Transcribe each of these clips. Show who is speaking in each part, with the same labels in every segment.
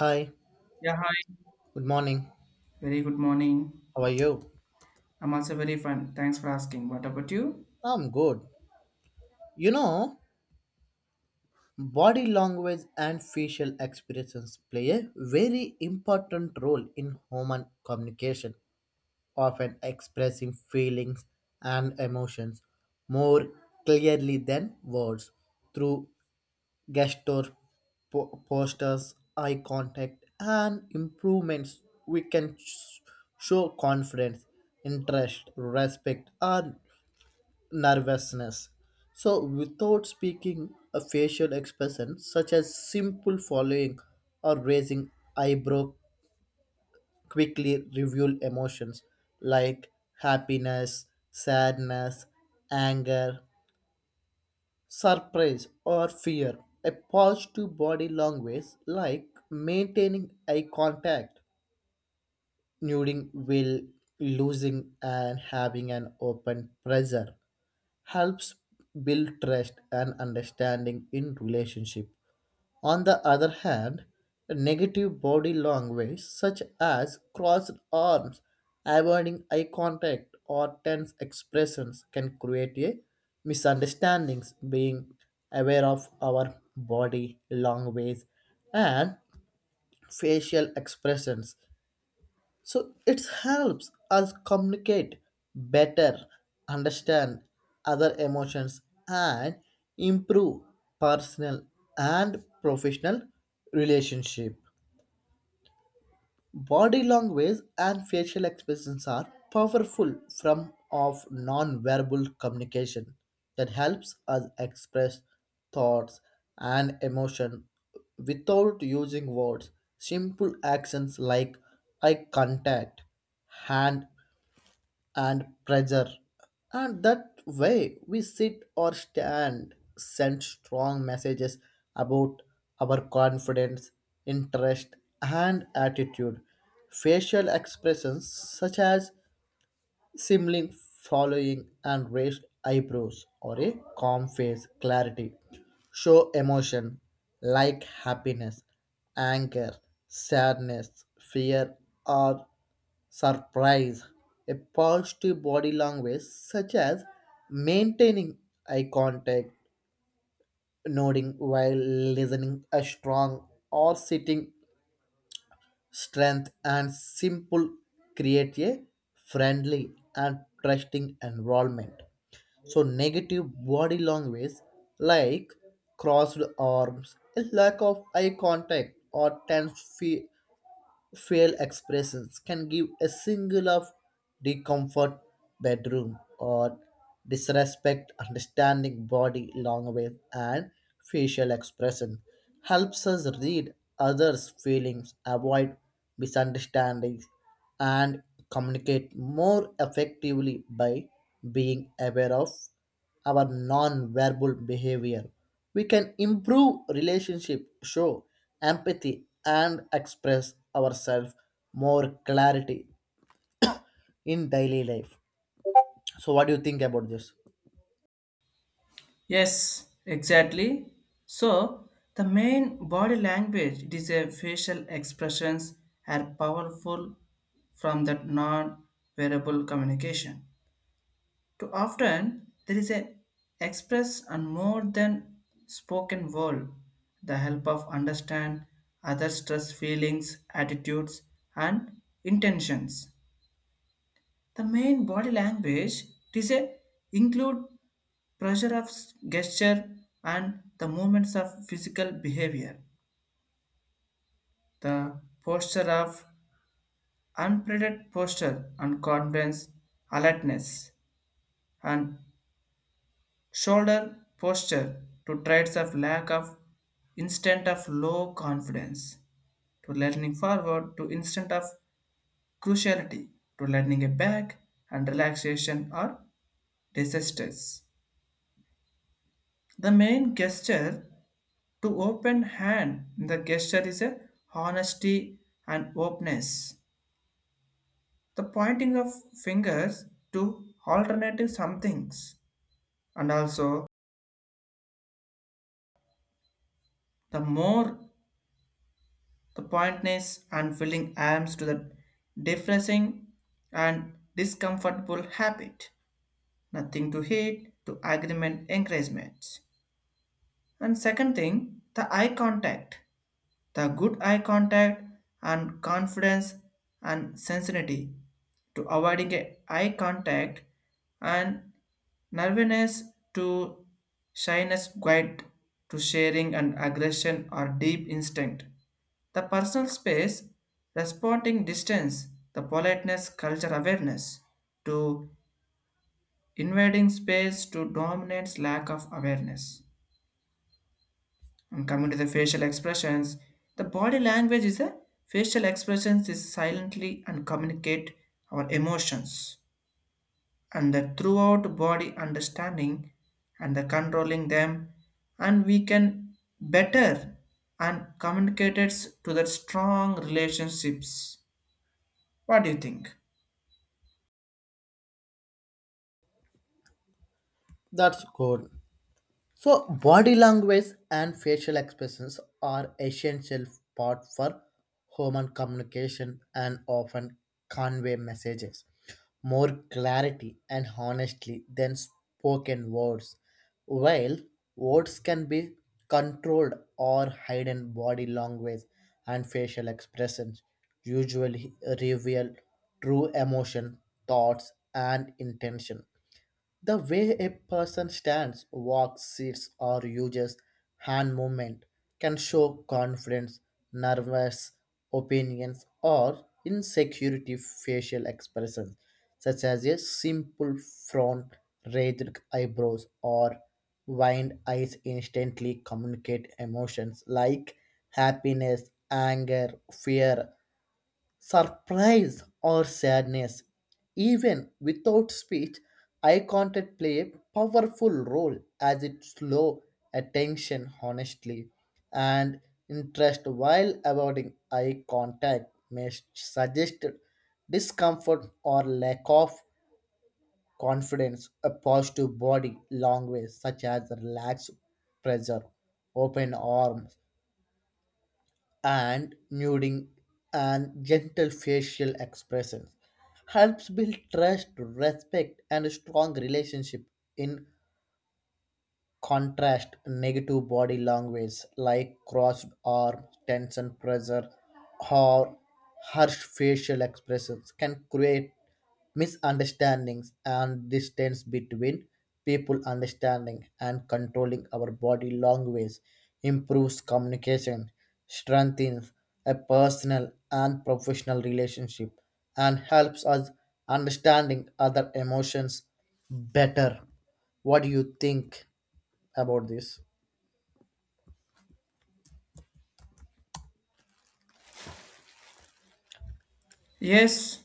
Speaker 1: Hi,
Speaker 2: Yeah, hi.
Speaker 1: good morning.
Speaker 2: Very good morning.
Speaker 1: How are you?
Speaker 2: I'm also very fine. Thanks for asking. What about you?
Speaker 1: I'm good. You know, body language and facial expressions play a very important role in human communication, often expressing feelings and emotions more clearly than words through gesture, postures, eye contact, and improvements. We can show confidence, interest, respect, or nervousness. So, without speaking, a facial expression such as simple following or raising eyebrow quickly reveal emotions like happiness, sadness, anger, surprise, or fear. A positive body language like maintaining eye contact, nodding will, losing, and having an open pressure helps build trust and understanding in relationship. On the other hand, negative body language such as crossed arms, avoiding eye contact, or tense expressions can create a misunderstandings. Being aware of our body language and facial expressions so it helps us communicate better, understand other emotions, and improve personal and professional relationship. Body language and facial expressions are powerful form of non-verbal communication that helps us express thoughts and emotion without using words. Simple actions like eye contact, hand and pressure. And that way we sit or stand send strong messages about our confidence, interest, and attitude. Facial expressions such as Simling following and raised eyebrows or a calm face clarity show emotion like happiness, anger, sadness, fear, or surprise. A positive body language such as maintaining eye contact, nodding while listening a strong or sitting strength, and simple create a friendly and trusting environment. So, negative body language like crossed arms, a lack of eye contact, or tense feet facial expressions can give a single of discomfort, bedroom or disrespect understanding body language and facial expression helps us read others feelings avoid misunderstandings and communicate more effectively by being aware of our non-verbal behavior we can improve relationship, show empathy, and express ourselves more clarity in daily life. So what do you think about this?
Speaker 2: Yes, exactly. So, the main body language, it is a facial expressions are powerful from that non-verbal communication. Too often, there is a express and more than spoken word, the help of understand other stress feelings, attitudes, and intentions. The main body language is a include pressure of s- gesture and the movements of physical behavior. The posture of unpredicted posture and confidence, alertness, and shoulder posture to traits of lack of instant of low confidence to leaning forward to instant of cruciality to leaning a back and relaxation or disasters. The main gesture to open hand, the gesture is a honesty and openness. The pointing of fingers to alternative somethings, and also the more the pointness and filling arms to the depressing and discomfortable habit. Nothing to hate to agreement encouragement. And second thing, the eye contact. The good eye contact and confidence and sensitivity to avoiding a eye contact and nervousness to shyness quiet to sharing and aggression or deep instinct. The personal space, responding distance, the politeness, culture awareness to invading space to dominance lack of awareness. And coming to the facial expressions, the body language is a facial expressions is silently and communicate our emotions and the throughout body understanding and the controlling them and we can better and communicate it to the strong relationships. What do you think?
Speaker 1: That's good. So, body language and facial expressions are essential part for human communication and often convey messages more clarity and honestly than spoken words. While words can be controlled or hidden, body language and facial expressions usually reveal true emotion, thoughts, and intention. The way a person stands, walks, sits, or uses hand movement can show confidence, nervous opinions, or insecurity. Facial expressions, such as a simple frown, raised eyebrows, or wind eyes instantly communicate emotions like happiness, anger, fear, surprise or sadness. Even without speech, eye contact play a powerful role as it slow attention honestly and interest while avoiding eye contact may suggest discomfort or lack of confidence. A positive body language such as relaxed pressure, open arms, and nodding and gentle facial expressions helps build trust, respect, and a strong relationship. In contrast, negative body language like crossed arms, tension, pressure, or harsh facial expressions can create misunderstandings and distance between people. Understanding and controlling our body language improves communication, strengthens a personal and professional relationship, and helps us understanding other emotions better. What do you think about this?
Speaker 2: Yes,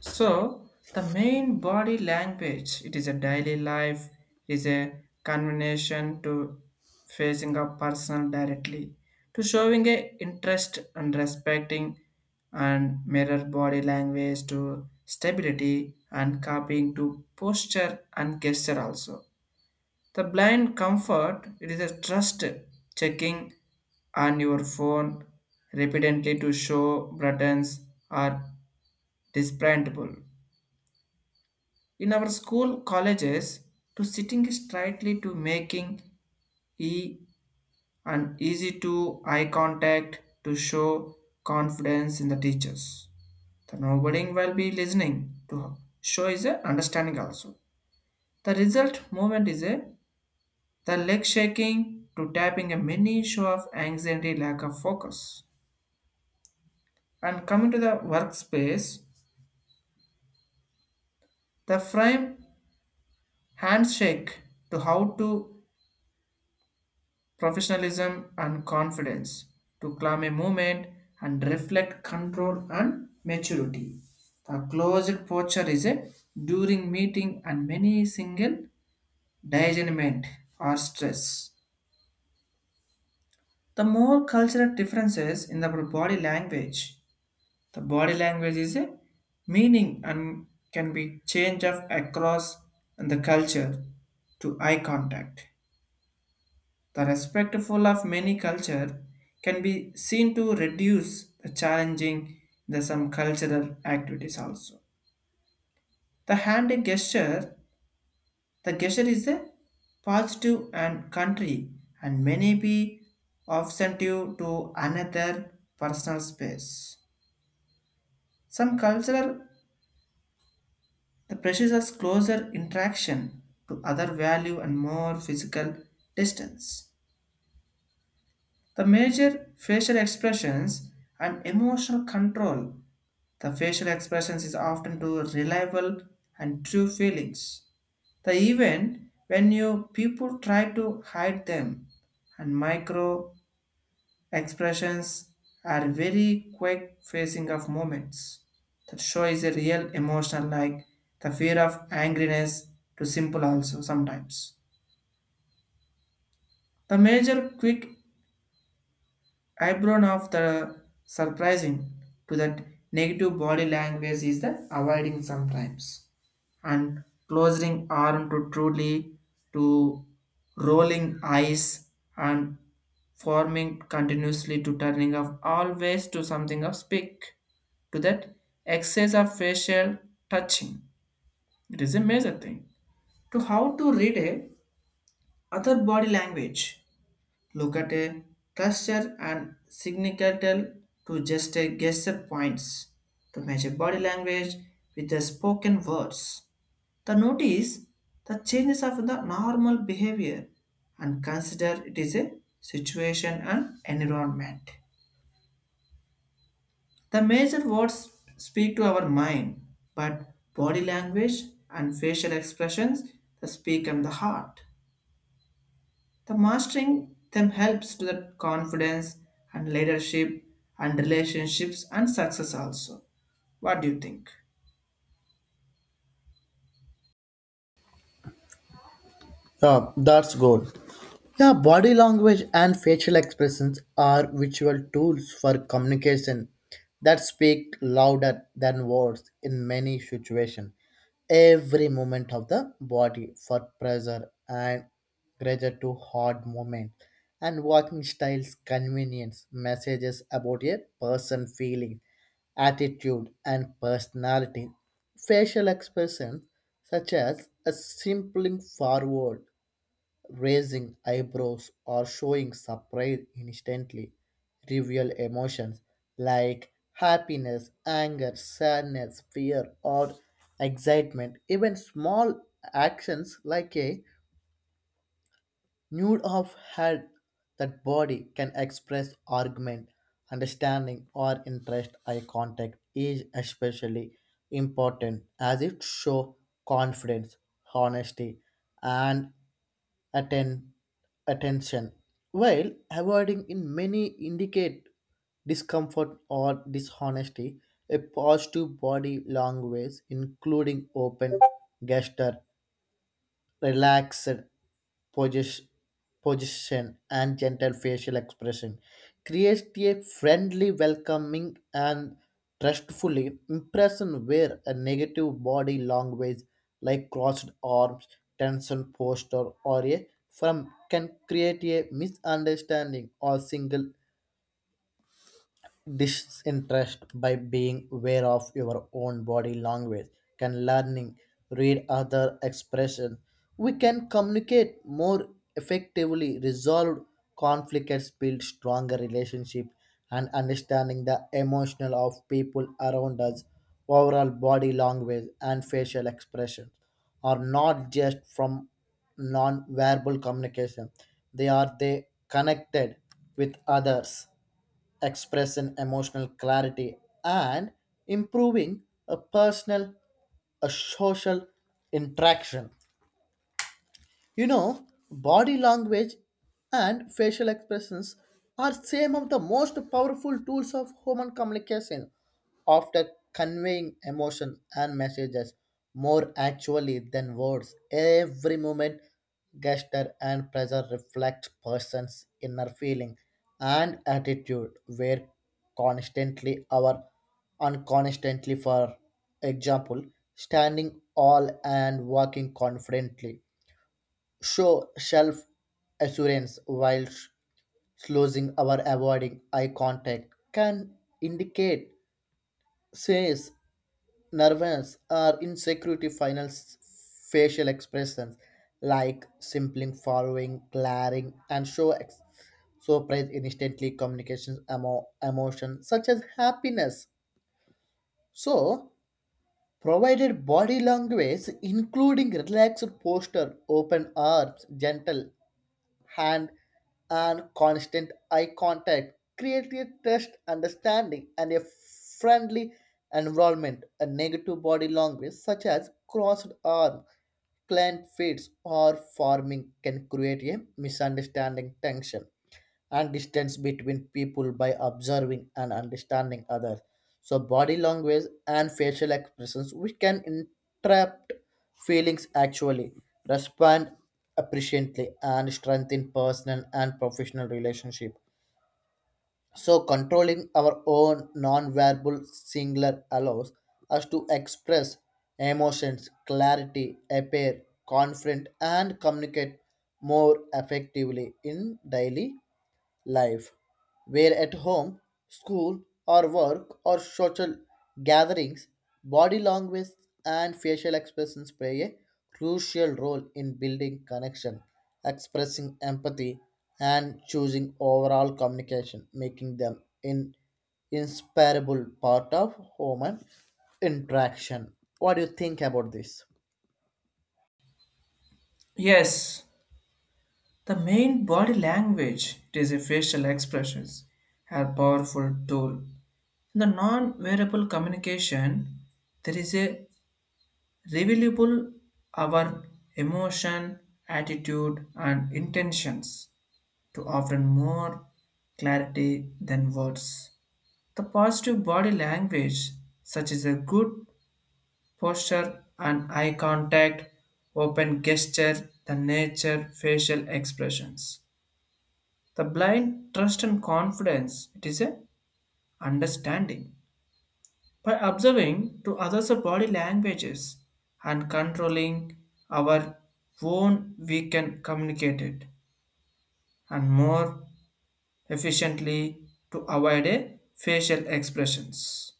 Speaker 2: so the main body language, it is a daily life, is a conversation to facing a person directly, to showing a interest and respecting and mirror body language to stability and copying to posture and gesture also. The blind comfort, it is a trust checking on your phone repeatedly to show buttons or disbandable. In our school colleges, to sitting straightly to making e and easy to eye contact to show confidence in the teachers. The nobody will be listening to show is a understanding also. The result movement is a the leg shaking to tapping a mini show of anxiety lack of focus. And coming to the workspace, the frame handshake to how to professionalism and confidence to claim a movement and reflect control and maturity. The closed posture is a during meeting and many single disagreement or stress. The more cultural differences in the body language. The body language is a meaning and can be changed of across the culture to eye contact. The respectful of many culture can be seen to reduce the challenging the some cultural activities also. The hand gesture, the gesture is a positive and country and many be offensive to another personal space. Some cultural the pressures us closer interaction to other value and more physical distance. The major facial expressions and emotional control. The facial expressions is often to reliable and true feelings. The even when you people try to hide them, and micro expressions are very quick facing of moments. That show is a real emotional like the fear of angriness to simple also sometimes. The major quick eyebrow of the surprising to that negative body language is the avoiding sometimes and closing arm to truly to rolling eyes and forming continuously to turning off always to something of speak to that excess of facial touching it is a major thing to how to read a other body language. Look at a cluster and signicatal to just a gesture points to measure body language with the spoken words. The notice the changes of the normal behavior and consider it is a situation and environment. The major words speak to our mind, but body language and facial expressions they speak on the heart. The mastering them helps to the confidence and leadership and relationships and success also. What do you think?
Speaker 1: Yeah, that's good. Yeah, body language and facial expressions are visual tools for communication that speak louder than words in many situations. Every movement of the body for pressure and pressure to hard movement and walking styles convenience messages about a person feeling, attitude and personality. Facial expressions such as a simpling forward, raising eyebrows or showing surprise instantly reveal emotions like happiness, anger, sadness, fear, or excitement. Even small actions like a nude of head that body can express argument, understanding, or interest. Eye contact is especially important as it shows confidence, honesty, and atten- attention, while avoiding in many indicate discomfort or dishonesty. A positive body language, including open gesture, relaxed position, position and gentle facial expression creates a friendly, welcoming, and trustfully impression, where a negative body language like crossed arms, tension posture, or a firm can create a misunderstanding or single disinterest. By being aware of your own body language can learning read other expression, we can communicate more effectively, resolve conflicts, build stronger relationship, and understanding the emotional of people around us. Overall, body language and facial expressions are not just from non-verbal communication, they are they connected with others, expressing emotional clarity, and improving a personal, a social interaction. You know, body language and facial expressions are some of the most powerful tools of human communication after conveying emotion and messages more actually than words. Every movement, gesture and pressure reflect person's inner feeling and attitude where constantly our unconstantly, for example, standing all and walking confidently show self assurance, while slowing or avoiding eye contact can indicate says nervous or insecurity. Final facial expressions like simpling, following glaring and show surprise instantly communications emotion such as happiness. So, provided body language including relaxed posture, open arms, gentle hand and constant eye contact create a trust understanding and a friendly environment. A negative body language such as crossed arms, clenched fists or forming can create a misunderstanding, tension and distance between people by observing and understanding others. So, body language and facial expressions, which can interrupt feelings actually, respond appreciatively, and strengthen personal and professional relationship. So, controlling our own non-verbal singular allows us to express emotions, clarity, appear confident, and communicate more effectively in daily life, where at home, school, or work, or social gatherings, body language and facial expressions play a crucial role in building connection, expressing empathy, and choosing overall communication, making them an inseparable part of human interaction. What do you think about this?
Speaker 2: Yes, the main body language it is a facial expressions a powerful tool. In the non-verbal communication, there is a revealable our emotion, attitude, and intentions to often more clarity than words. The positive body language, such as a good posture and eye contact, open gesture, the nature, facial expressions. The blind trust and confidence, it is a understanding. By observing to others' body languages and controlling our own, we can communicate it and more efficiently to avoid a facial expressions.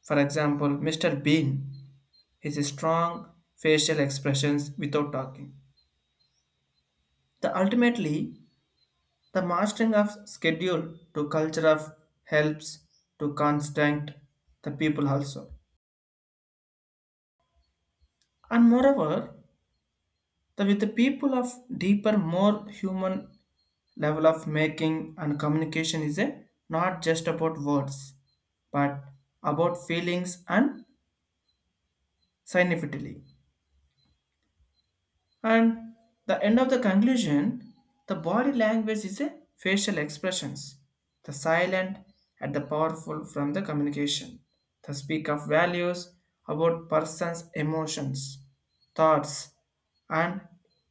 Speaker 2: For example, Mr. Bean his strong facial expressions without talking. The ultimately, the mastering of schedule to culture of helps to constant the people also. And moreover, the with the people of deeper, more human level of making and communication is a not just about words, but about feelings and significantly. And the end of the conclusion, the body language is a facial expressions, the silent and the powerful from the communication, the speak of values about person's emotions, thoughts, and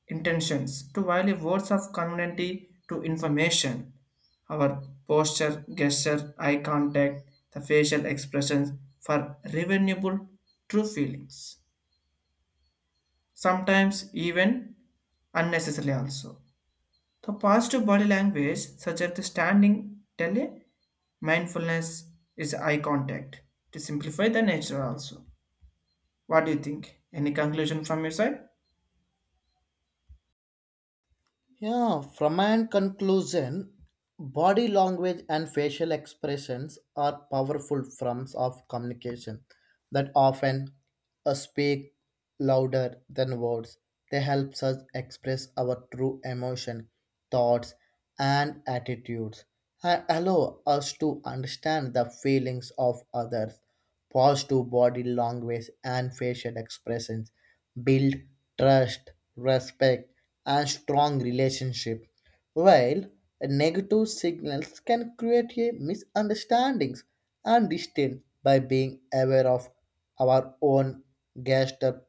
Speaker 2: intentions to value words of community to information. Our posture, gesture, eye contact, the facial expressions for revealable true feelings sometimes even unnecessarily also. The positive body language, such as the standing tele, mindfulness is eye contact to simplify the nature also. What do you think? Any conclusion from your side?
Speaker 1: Yeah, from my own conclusion, body language and facial expressions are powerful forms of communication that often speak louder than words. They help us express our true emotion, thoughts, and attitudes and allow us to understand the feelings of others. Pause to body language and facial expressions build trust, respect, and strong relationship. While negative signals can create a misunderstandings and distance by being aware of our own gesture,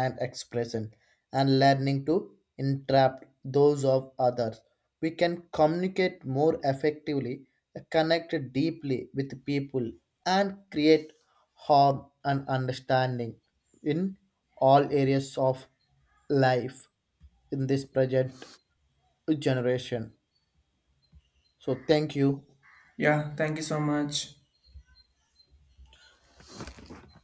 Speaker 1: and expression, and learning to entrap those of others. We can communicate more effectively, connect deeply with people, and create harm and understanding in all areas of life in this present generation. So, thank you.
Speaker 2: Yeah, thank you so much.